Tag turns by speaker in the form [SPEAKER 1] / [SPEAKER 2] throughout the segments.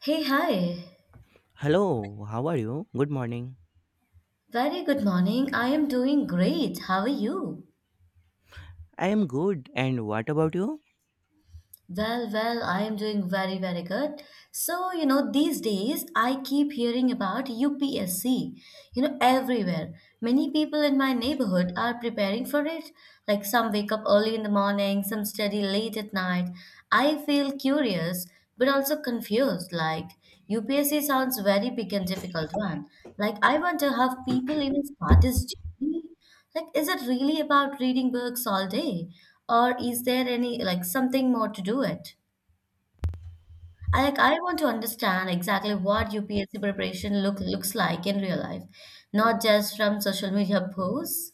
[SPEAKER 1] Hey, hi.
[SPEAKER 2] Hello, how are you? Good morning.
[SPEAKER 1] Very good morning. I am doing great. How are you?
[SPEAKER 2] I am good, and what about you?
[SPEAKER 1] Well, I am doing very, very good. So, these days I keep hearing about UPSC, you know, everywhere. Many people in my neighborhood are preparing for it. Like, some wake up early in the morning, some study late at night. I feel curious, but also confused. Like, UPSC sounds very big and difficult one. Like, I wonder how people even start this journey. Like, is it really about reading books all day, or is there any like something more to do it? I want to understand exactly what UPSC preparation looks like in real life, not just from social media posts.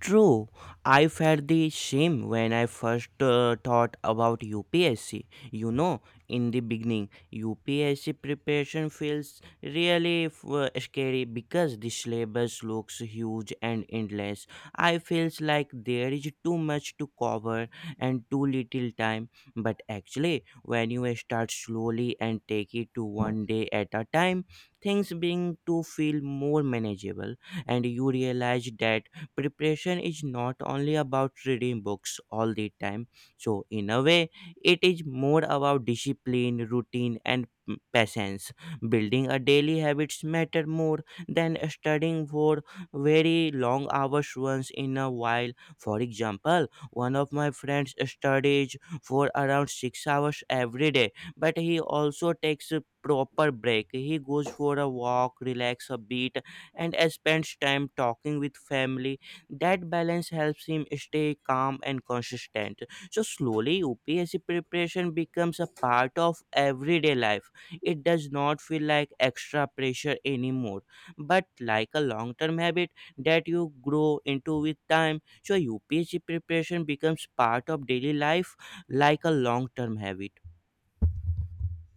[SPEAKER 2] True, I felt the shame when I first thought about UPSC. You know, in the beginning, UPSC preparation feels really scary because the syllabus looks huge and endless. I feels like there is too much to cover and too little time. But actually, when you start slowly and take it to one day at a time, things begin to feel more manageable and you realize that preparation is not only about reading books all the time. So in a way, it is more about discipline, routine, and patience. Building a daily habits matter more than studying for very long hours once in a while. For example, one of my friends studies for around 6 hours every day, but he also takes a proper break. He goes for a walk, relax a bit, and spends time talking with family. That balance helps him stay calm and consistent. So slowly, UPSC preparation becomes a part of everyday life. It does not feel like extra pressure anymore, but like a long term habit that you grow into with time. So, UPSC preparation becomes part of daily life like a long term habit.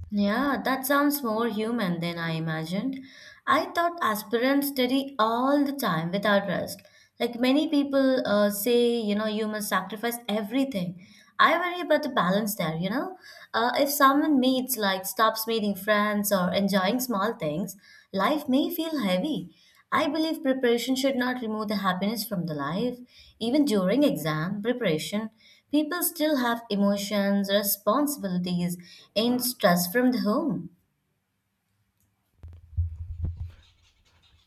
[SPEAKER 1] Yeah, that sounds more human than I imagined. I thought aspirants study all the time without rest. Like, many people say, you know, you must sacrifice everything. I worry about the balance there, you know. If someone meets, like, stops meeting friends or enjoying small things, life may feel heavy. I believe preparation should not remove the happiness from the life. Even during exam preparation, people still have emotions, responsibilities, and stress from the home.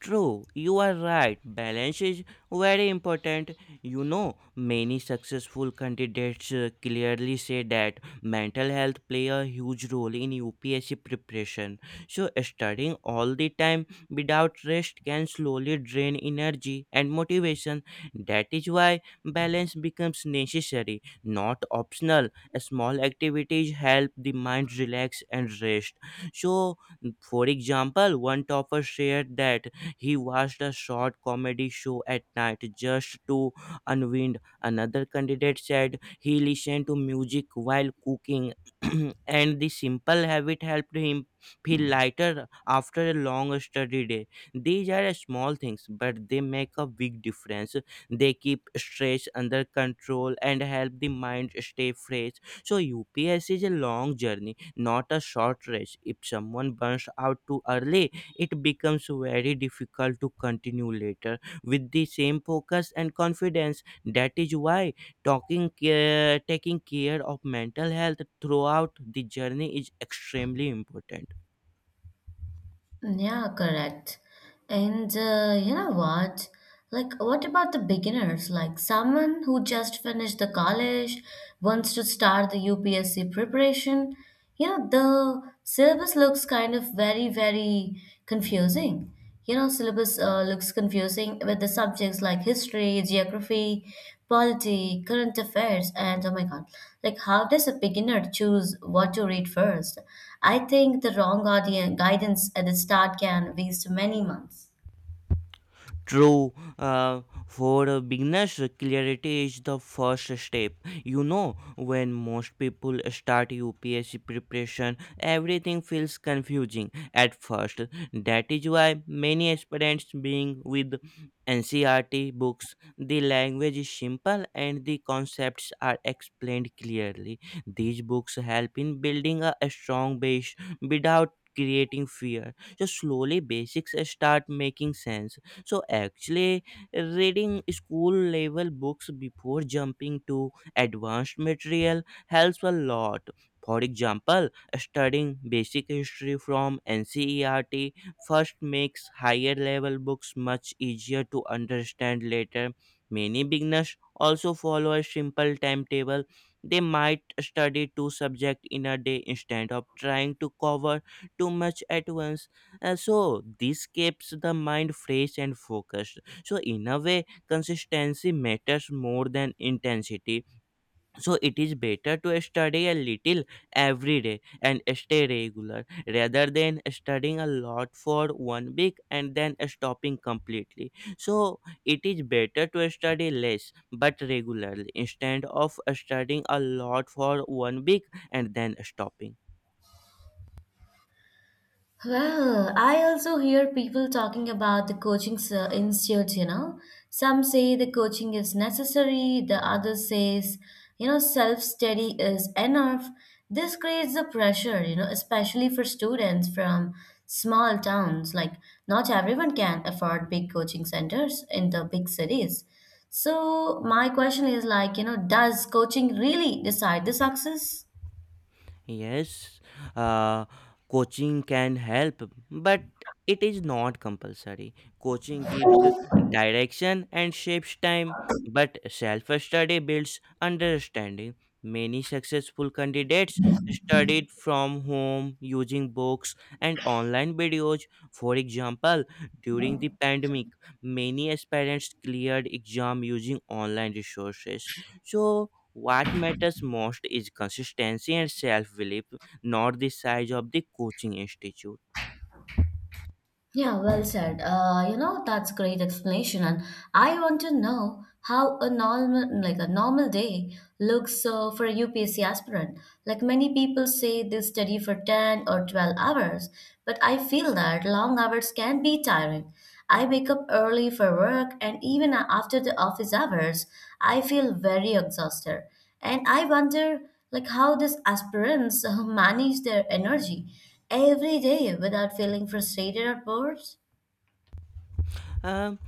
[SPEAKER 2] True, you are right. Balance is very important. You know, many successful candidates clearly say that mental health play a huge role in UPSC preparation. So studying all the time without rest can slowly drain energy and motivation. That is why balance becomes necessary, not optional. Small activities help the mind relax and rest. So for example, one topper shared that he watched a short comedy show at night just to unwind. Another candidate said he listened to music while cooking, and the simple habit helped him feel lighter after a long study day. These are small things, but they make a big difference. They keep stress under control and help the mind stay fresh. So, UPS is a long journey, not a short race. If someone burns out too early, it becomes very difficult to continue later with the same focus and confidence. That is why taking care of mental health throughout the journey is extremely important.
[SPEAKER 1] Yeah, correct. And you know what? Like, what about the beginners? Like, someone who just finished the college wants to start the UPSC preparation. You know, the syllabus looks kind of very, very confusing. You know, syllabus looks confusing with the subjects like history, geography, polity, current affairs, and oh my god, like how does a beginner choose what to read first? I think the wrong audience guidance at the start can waste many months.
[SPEAKER 2] True. For beginners, clarity is the first step. You know, when most people start UPSC preparation, everything feels confusing at first. That is why many aspirants being with NCRT books, the language is simple and the concepts are explained clearly. These books help in building a strong base without creating fear. So slowly basics start making sense. So actually, reading school level books before jumping to advanced material helps a lot. For example, studying basic history from ncert first makes higher level books much easier to understand later. Many beginners also follow a simple timetable. They might study two subjects in a day instead of trying to cover too much at once. So this keeps the mind fresh and focused. So in a way, consistency matters more than intensity. So it is better to study a little every day and stay regular rather than studying a lot for one week and then stopping completely. So it is better to study less but regularly instead of studying a lot for one week and then stopping.
[SPEAKER 1] Well, I also hear people talking about the coaching institutes, you know. Some say the coaching is necessary, the other says, you know, self-study is enough. This creates the pressure, you know, especially for students from small towns. Like, not everyone can afford big coaching centers in the big cities. So, my question is like, you know, does coaching really decide the success?
[SPEAKER 2] Yes, uh, coaching can help, but it is not compulsory. Coaching gives direction and shapes time, but self study builds understanding. Many successful candidates studied from home using books and online videos. For example, during the pandemic, many aspirants cleared exam using online resources. So, what matters most is consistency and self belief, not the size of the coaching institute.
[SPEAKER 1] Yeah, well said. You know, that's great explanation. And I want to know how a normal, like a normal day looks for a UPSC aspirant. Like, many people say they study for 10 or 12 hours, but I feel that long hours can be tiring. I wake up early for work and even after the office hours, I feel very exhausted. And I wonder like how these aspirants manage their energy every day without feeling frustrated or bored?
[SPEAKER 2] Um,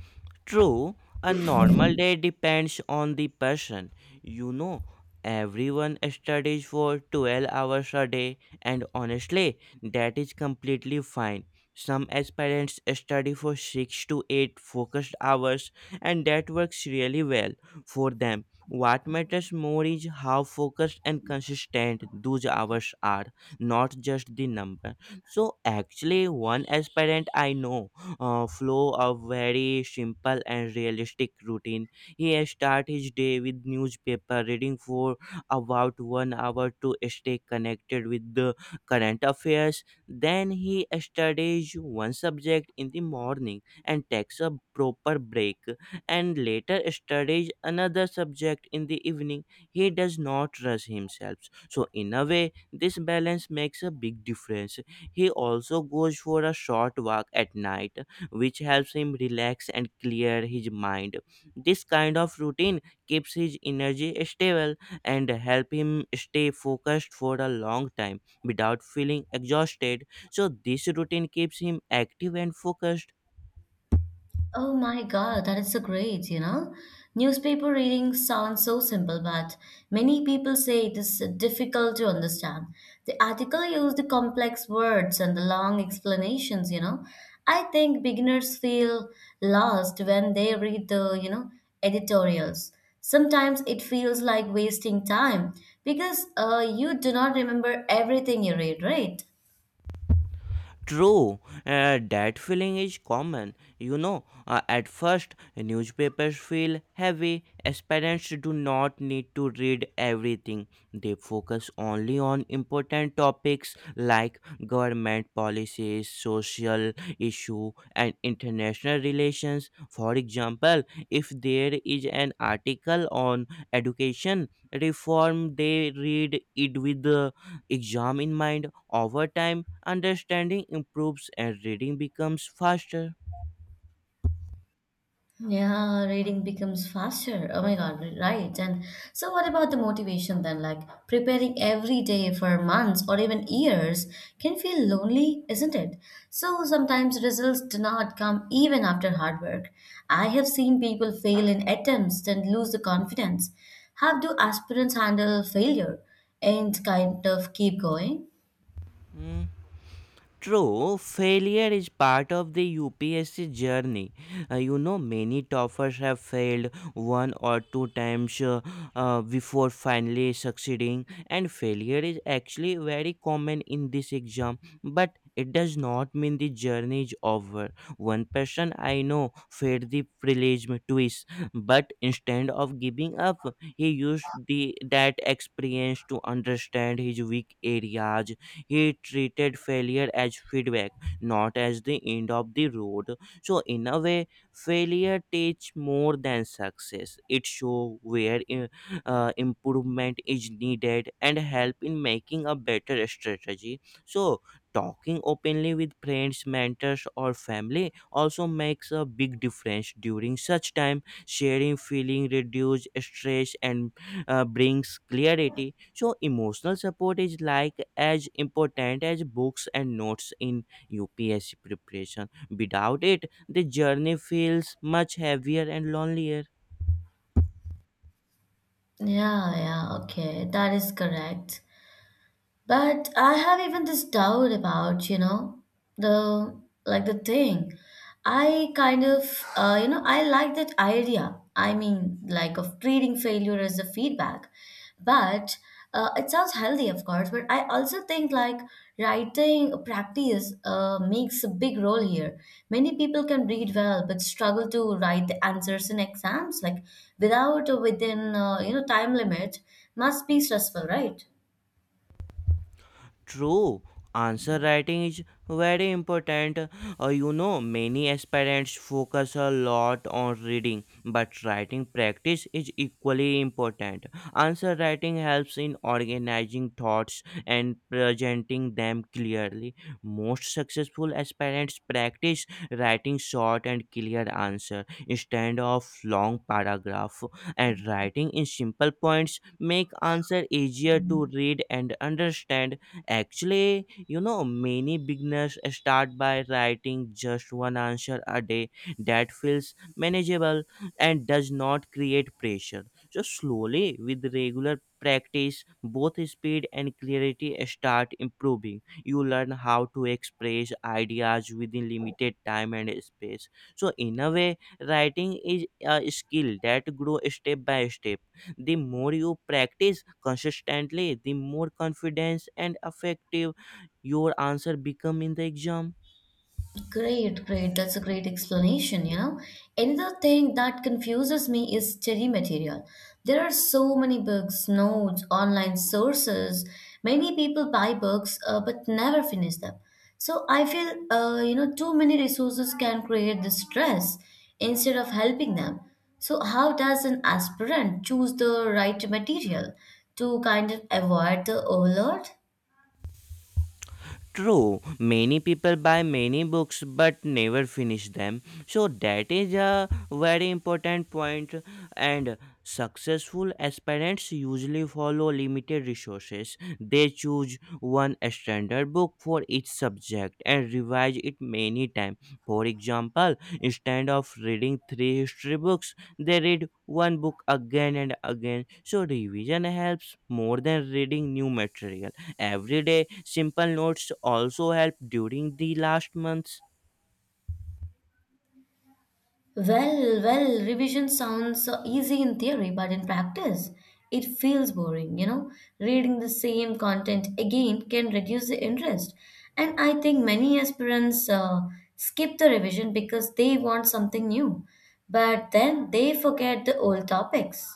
[SPEAKER 2] true, a normal day depends on the person. You know, everyone studies for 12 hours a day, and honestly, that is completely fine. Some aspirants study for 6 to 8 focused hours, and that works really well for them. What matters more is how focused and consistent those hours are, not just the number. So, actually, one aspirant I know flow of very simple and realistic routine. He start his day with newspaper reading for about one hour to stay connected with the current affairs. Then he studies one subject in the morning and takes a proper break and later studies another subject in the evening. He does not rush himself. So in a way, this balance makes a big difference. He also goes for a short walk at night which helps him relax and clear his mind. This kind of routine keeps his energy stable and help him stay focused for a long time without feeling exhausted. So this routine keeps him active and focused.
[SPEAKER 1] Oh my God, that is so great, you know? Newspaper reading sounds so simple, but many people say it is difficult to understand. The article used the complex words and the long explanations, you know? I think beginners feel lost when they read the, you know, editorials. Sometimes it feels like wasting time because you do not remember everything you read, right?
[SPEAKER 2] True. That feeling is common. You know, at first, newspapers feel heavy as parents do not need to read everything. They focus only on important topics like government policies, social issue, and international relations. For example, if there is an article on education reform, they read it with exam in mind. Over time understanding improves and reading becomes faster.
[SPEAKER 1] Yeah, reading becomes faster. Oh my God, right. And so, what about the motivation then? Like, preparing every day for months or even years can feel lonely, isn't it? So, sometimes results do not come even after hard work. I have seen people fail in attempts and lose the confidence. How do aspirants handle failure and kind of keep going?
[SPEAKER 2] Hmm. True, failure is part of the UPSC journey. You know, many toppers have failed one or two times before finally succeeding, and failure is actually very common in this exam. But it does not mean the journey is over. One person I know failed the prelim twice, but instead of giving up, he used the that experience to understand his weak areas. He treated failure as feedback, not as the end of the road. So, in a way, failure teaches more than success. It shows where improvement is needed and help in making a better strategy. So, talking openly with friends, mentors, or family also makes a big difference during such time. Sharing feeling reduce stress and brings clarity. So, emotional support is like as important as books and notes in UPSC preparation. Without it, the journey feels much heavier and lonelier.
[SPEAKER 1] Yeah, yeah, okay, that is correct. But I have even this doubt about, you know, the the thing. I kind of, I like that idea. I mean, like of treating failure as a feedback. But it sounds healthy, of course. But I also think like writing practice makes a big role here. Many people can read well, but struggle to write the answers in exams, like without or within, time limit, must be stressful, right?
[SPEAKER 2] True, answer writing is very important. You know, many aspirants focus a lot on reading, but writing practice is equally important. Answer writing helps in organizing thoughts and presenting them clearly. Most successful aspirants practice writing short and clear answer instead of long paragraph, and writing in simple points make answer easier to read and understand. Actually, you know, many beginners start by writing just one answer a day. That feels manageable and does not create pressure. So, slowly, with regular practice, both speed and clarity start improving. You learn how to express ideas within limited time and space. So, in a way, writing is a skill that grows step by step. The more you practice consistently, the more confidence and effective your answer become in the exam.
[SPEAKER 1] Great, great. That's a great explanation, you know. Another thing that confuses me is study material. There are so many books, notes, online sources. Many people buy books but never finish them. So I feel, too many resources can create the stress instead of helping them. So how does an aspirant choose the right material to kind of avoid the overload?
[SPEAKER 2] True, many people buy many books but never finish them. So that is a very important point. And successful aspirants usually follow limited resources. They choose one standard book for each subject and revise it many times. For example, instead of reading 3 history books, they read one book again and again. So revision helps more than reading new material. Everyday simple notes also help during the last months.
[SPEAKER 1] Well, revision sounds easy in theory, but in practice, it feels boring, you know. Reading the same content again can reduce the interest. And I think many aspirants skip the revision because they want something new, but then they forget the old topics.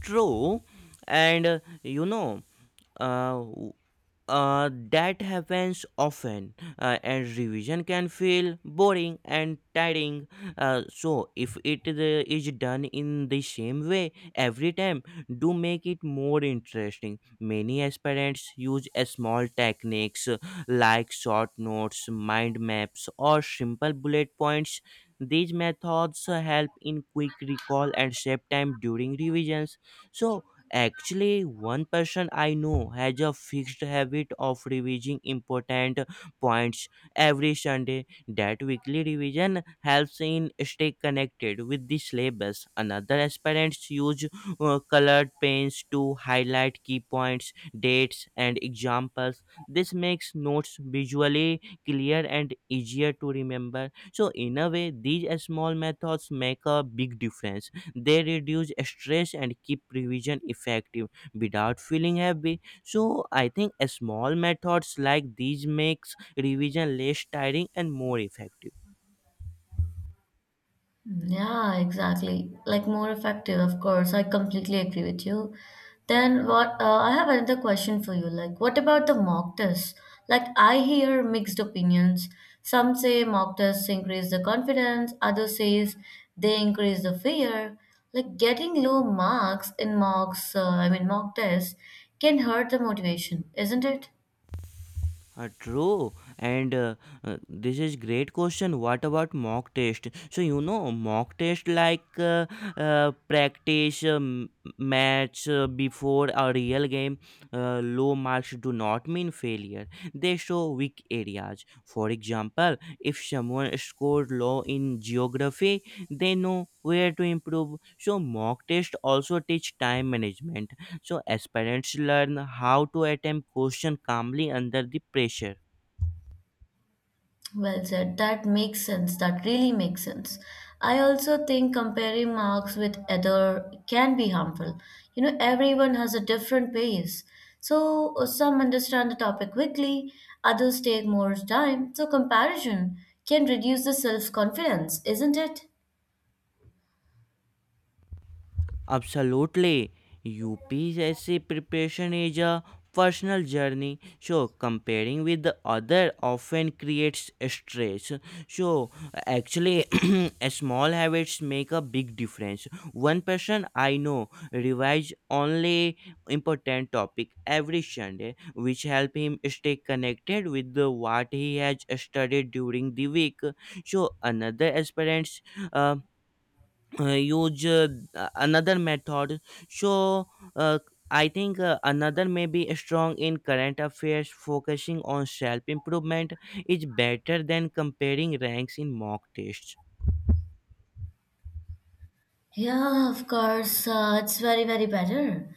[SPEAKER 2] True, and uh, that happens often, and revision can feel boring and tiring. So, if it is done in the same way every time, do make it more interesting. Many aspirants use a small techniques like short notes, mind maps, or simple bullet points. These methods help in quick recall and save time during revisions. So, actually, one person I know has a fixed habit of revising important points every Sunday. That weekly revision helps in stay connected with the syllabus. Another aspirants use colored pens to highlight key points, dates, and examples. This makes notes visually clear and easier to remember. So, in a way, these small methods make a big difference. They reduce stress and keep revision effective without feeling heavy. So I think a small methods like these makes revision less tiring and more effective.
[SPEAKER 1] Yeah, exactly. Like more effective, of course. I completely agree with you. Then what, I have another question for you. Like, what about the mock tests? Like, I hear mixed opinions. Some say mock tests increase the confidence, others says they increase the fear. Like, getting low marks in mocks, I mean mock tests can hurt the motivation, isn't it?
[SPEAKER 2] True, and this is great question. What about mock test? So you know, mock test like practice match before a real game. Low marks do not mean failure; they show weak areas. For example, if someone scored low in geography, they know where to improve. So mock test also teach time management. So aspirants learn how to attempt question calmly under the pressure.
[SPEAKER 1] Well said. That makes sense. That really makes sense. I also think comparing marks with other can be harmful. You know, everyone has a different pace. So some understand the topic quickly, others take more time. So comparison can reduce the self-confidence, isn't it?
[SPEAKER 2] Absolutely. UPSC preparation is a personal journey. So comparing with the other often creates stress. So actually a small habits make a big difference. One person I know revise only important topic every Sunday which help him stay connected with the what he has studied during the week. So another aspirant uh, use another method. So uh, I think Another may be strong in current affairs. Focusing on self improvement is better than comparing ranks in mock tests.
[SPEAKER 1] Yeah, of course. It's very, very better.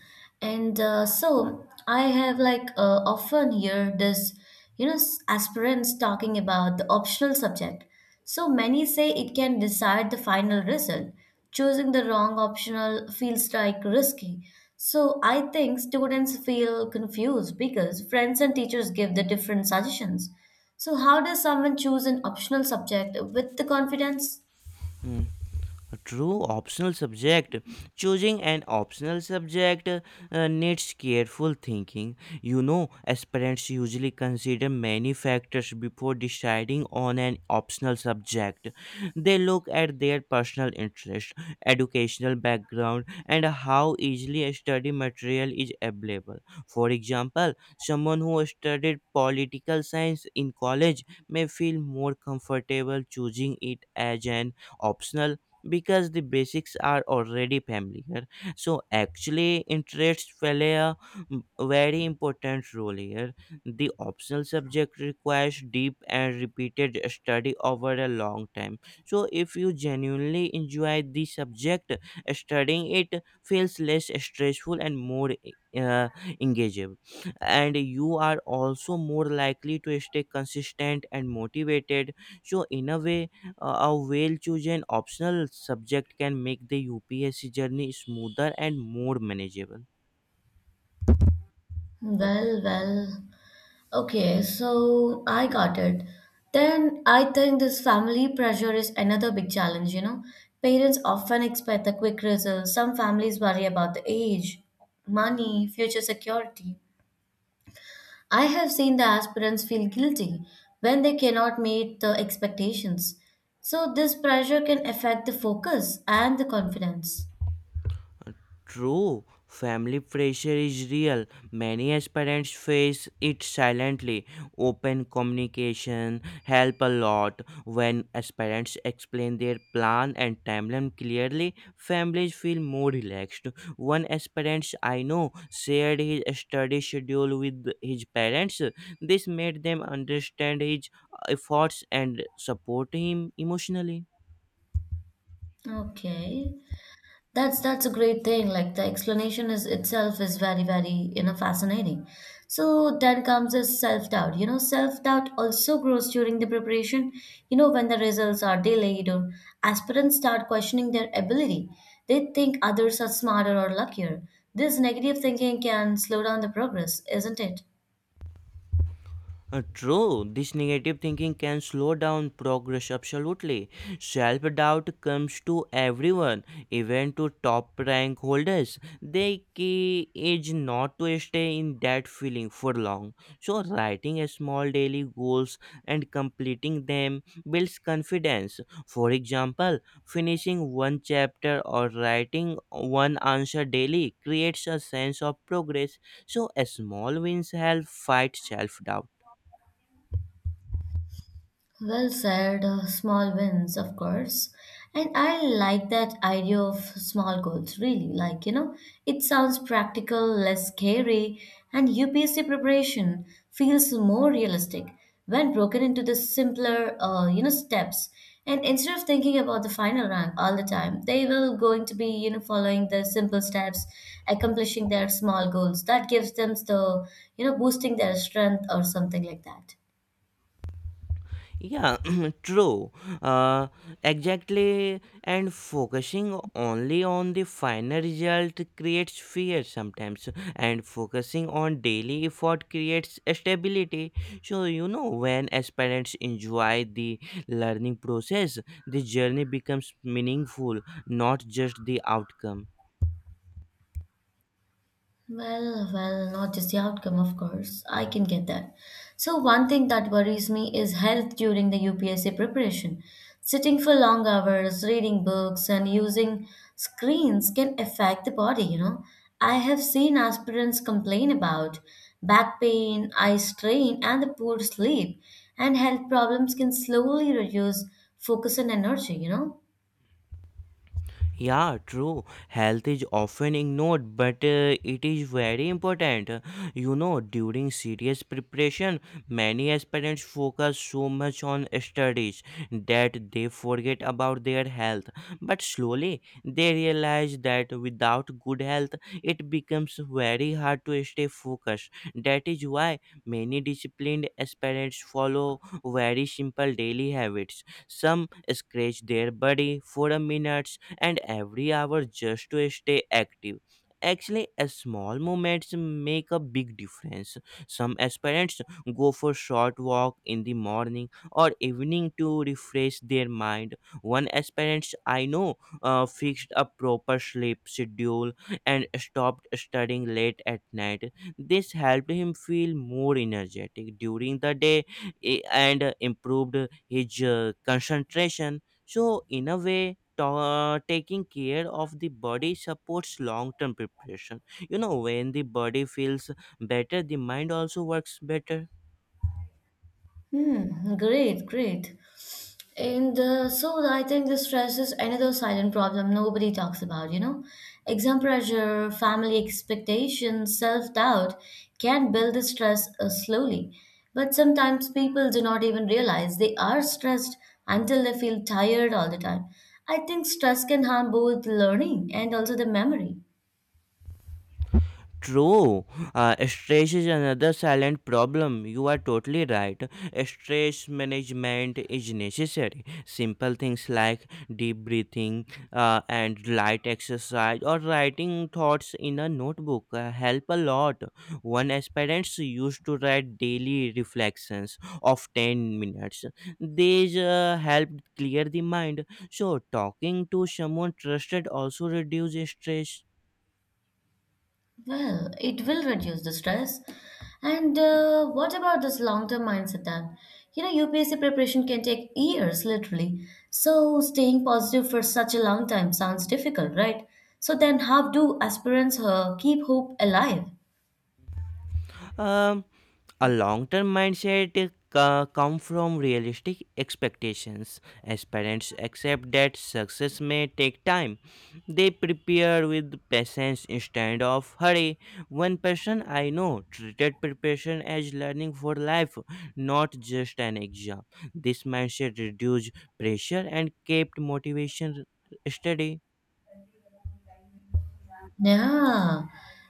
[SPEAKER 1] And so I have often hear this, you know, aspirants talking about the optional subject. So many say it can decide the final result. Choosing the wrong optional feels like risky. So I think students feel confused because friends and teachers give the different suggestions. So how does someone choose an optional subject with the confidence?
[SPEAKER 2] Hmm. True, optional subject. Choosing an optional subject needs careful thinking. You know, aspirants usually consider many factors before deciding on an optional subject. They look at their personal interest, educational background, and how easily a study material is available. For example, someone who studied political science in college may feel more comfortable choosing it as an optional because the basics are already familiar. So actually, interests play a very important role here. The optional subject requires deep and repeated study over a long time, so if you genuinely enjoy the subject, studying it feels less stressful and more engaging, and you are also more likely to stay consistent and motivated. So in a way, a well chosen optional subject can make the UPSC journey smoother and more manageable.
[SPEAKER 1] Well, well. Okay, so I got it. Then I think this family pressure is another big challenge, you know. Parents often expect the quick results. Some families worry about the age, money, future security. I have seen the aspirants feel guilty when they cannot meet the expectations. So this pressure can affect the focus and the confidence.
[SPEAKER 2] True, family pressure is real. Many aspirants face it silently. Open communication help a lot. When aspirants explain their plan and timeline clearly, families feel more relaxed. One aspirant I know shared his study schedule with his parents. This made them understand his efforts and support him emotionally.
[SPEAKER 1] Okay. That's a great thing. Like, the explanation is itself is very, very, you know, fascinating. So then comes this self-doubt. You know, self-doubt also grows during the preparation. You know, when the results are delayed or aspirants start questioning their ability. They think others are smarter or luckier. This negative thinking can slow down the progress, isn't it?
[SPEAKER 2] True, this negative thinking can slow down progress absolutely. Self doubt comes to everyone, even to top rank holders. The key is not to stay in that feeling for long. So, writing a small daily goals and completing them builds confidence. For example, finishing one chapter or writing one answer daily creates a sense of progress. So, a small wins help fight self doubt.
[SPEAKER 1] Well said, small wins, of course. And I like that idea of small goals, really. Like, you know, it sounds practical, less scary, and UPSC preparation feels more realistic when broken into the simpler, steps. And instead of thinking about the final rank all the time, they will going to be, you know, following the simple steps, accomplishing their small goals. That gives them the, you know, boosting their strength or something like that.
[SPEAKER 2] Yeah, true. Uh, exactly. And focusing only on the final result creates fear sometimes, and focusing on daily effort creates stability. So, you know, when aspirants enjoy the learning process, the journey becomes meaningful, not just the outcome.
[SPEAKER 1] Well, well, not just the outcome, of course. I can get that. So, one thing that worries me is health during the UPSC preparation. Sitting for long hours, reading books, and using screens can affect the body, you know. I have seen aspirants complain about back pain, eye strain, and the poor sleep, and health problems can slowly reduce focus and energy, you know.
[SPEAKER 2] Yeah, true. Health is often ignored, but it is very important. You know, during serious preparation, many aspirants focus so much on studies that they forget about their health. But slowly, they realize that without good health, it becomes very hard to stay focused. That is why many disciplined aspirants follow very simple daily habits. Some scratch their body for a minute and every hour just to stay active. Actually, a small moments make a big difference. Some aspirants go for short walk in the morning or evening to refresh their mind. One aspirant I know fixed a proper sleep schedule and stopped studying late at night. This helped him feel more energetic during the day and improved his concentration. So, in a way, taking care of the body supports long term preparation. You know, when the body feels better, the mind also works better.
[SPEAKER 1] Hmm, great, great. And so I think this stress is another silent problem nobody talks about, you know. Exam pressure, family expectations, self doubt can build the stress slowly. But sometimes people do not even realize they are stressed until they feel tired all the time. I think stress can harm both learning and also the memory.
[SPEAKER 2] True, stress is another silent problem. You are totally right. Stress management is necessary. Simple things like deep breathing and light exercise or writing thoughts in a notebook help a lot. One aspirant used to write daily reflections of 10 minutes. These helped clear the mind. So, talking to someone trusted also reduces stress.
[SPEAKER 1] Well, it will reduce the stress. And what about this long term mindset then? You know, UPSC preparation can take years, literally. So, staying positive for such a long time sounds difficult, right? So, then how do aspirants keep hope alive?
[SPEAKER 2] Um, a long-term mindset come from realistic expectations. As parents accept that success may take time, they prepare with patience instead of hurry. One person I know treated preparation as learning for life, not just an exam. This mindset reduced pressure and kept motivation steady.
[SPEAKER 1] Yeah,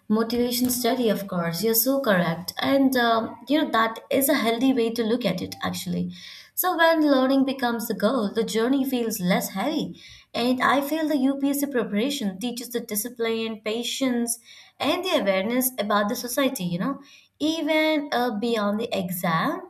[SPEAKER 1] motivation study, of course. You're so correct. And, you know, that is a healthy way to look at it, actually. So, when learning becomes the goal, the journey feels less heavy. And I feel the UPSC preparation teaches the discipline, patience, and the awareness about the society, you know, even beyond the exam.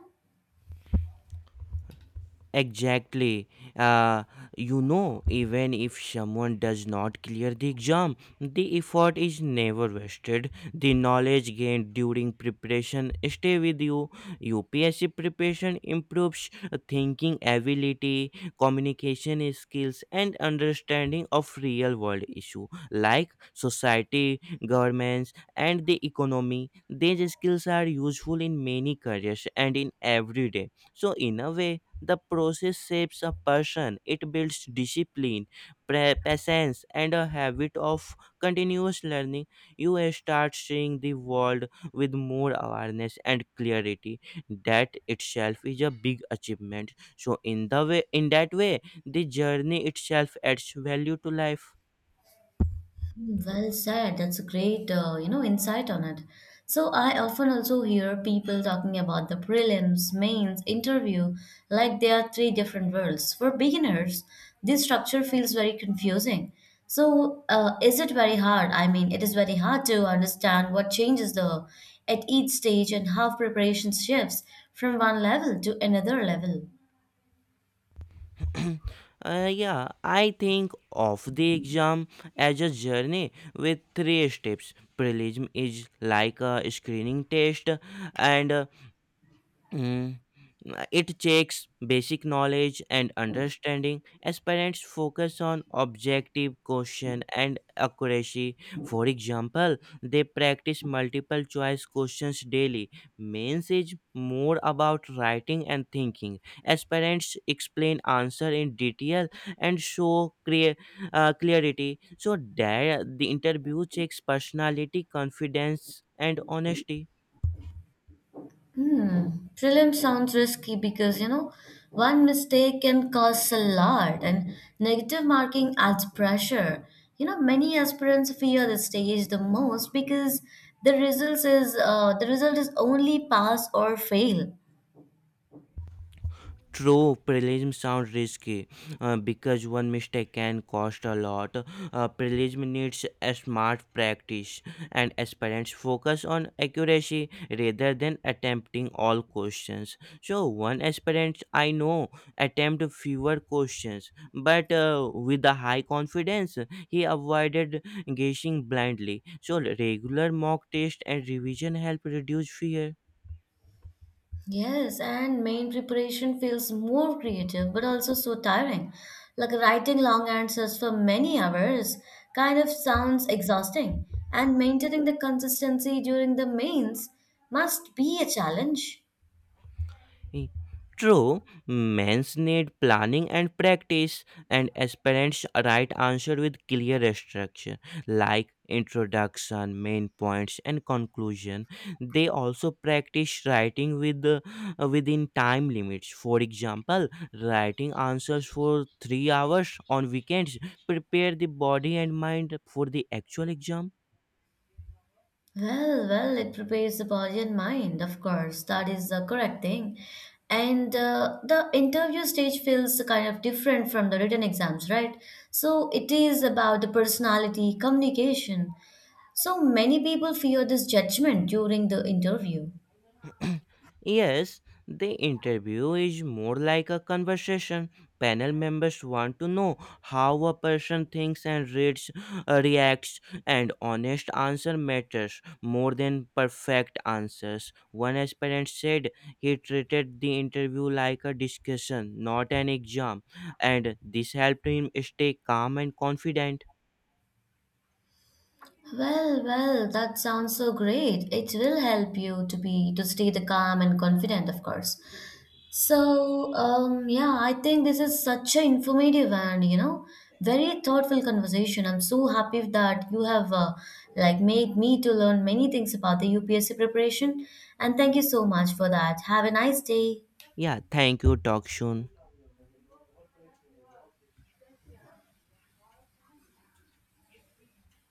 [SPEAKER 2] Exactly. Uh, you know, even if someone does not clear the exam, the effort is never wasted. The knowledge gained during preparation stay with you. UPSC preparation improves thinking ability, communication skills, and understanding of real-world issue like society, governments, and the economy. These skills are useful in many careers and in everyday. So, in a way, the process shapes a person. It builds discipline, patience, and a habit of continuous learning. You start seeing the world with more awareness and clarity. That itself is a big achievement. So, in the way, in that way, the journey itself adds value to life.
[SPEAKER 1] Hmm, well said. That's a great, insight on it. So I often also hear people talking about the prelims, mains, interview, like they are three different worlds. For beginners, this structure feels very confusing. So is it very hard? I mean, it is very hard to understand what changes the at each stage and how preparation shifts from one level to another level.
[SPEAKER 2] Yeah, I think of the exam as a journey with three steps. Prelim is like a screening test, and Mm, it takes basic knowledge and understanding. As parents focus on objective question and accuracy. For example, they practice multiple choice questions daily. Means is more about writing and thinking. As parents explain answer in detail and show clear, clarity, so there the interview checks personality, confidence, and honesty.
[SPEAKER 1] Hmm. Prelim sounds risky because you know one mistake can cause a lot, and negative marking adds pressure. You know, many aspirants fear the stage the most because the result is only pass or fail.
[SPEAKER 2] True, prelim sounds risky because one mistake can cost a lot. Prelim needs a smart practice, and aspirants focus on accuracy rather than attempting all questions. So, one aspirant I know attempt fewer questions, but with a high confidence, he avoided guessing blindly. So, regular mock test and revision help reduce fear.
[SPEAKER 1] Yes, and main preparation feels more creative but also so tiring. Like, writing long answers for many hours kind of sounds exhausting, and maintaining the consistency during the mains must be a challenge.
[SPEAKER 2] Eh, True, men's need planning and practice, and aspirants write answer with clear structure like introduction, main points, and conclusion. They also practice writing with within time limits. For example, writing answers for 3 hours on weekends prepare the body and mind for the actual exam.
[SPEAKER 1] Well, well, it prepares the body and mind, of course. That is the correct thing. And the interview stage feels kind of different from the written exams, right? So it is about the personality, communication, so many people fear this judgment during the interview.
[SPEAKER 2] Yes, the interview is more like a conversation. Panel members want to know how a person thinks and reads, reacts, and honest answer matters more than perfect answers. One aspirant said he treated the interview like a discussion, not an exam, and this helped him stay calm and confident.
[SPEAKER 1] Well, well, that sounds so great. It will help you to be to stay the calm and confident, of course. So, yeah, I think this is such an informative and you know very thoughtful conversation. I'm so happy that you have like made me to learn many things about the UPSC preparation, and thank you so much for that. Have a nice day.
[SPEAKER 2] Yeah, thank you. Talk soon.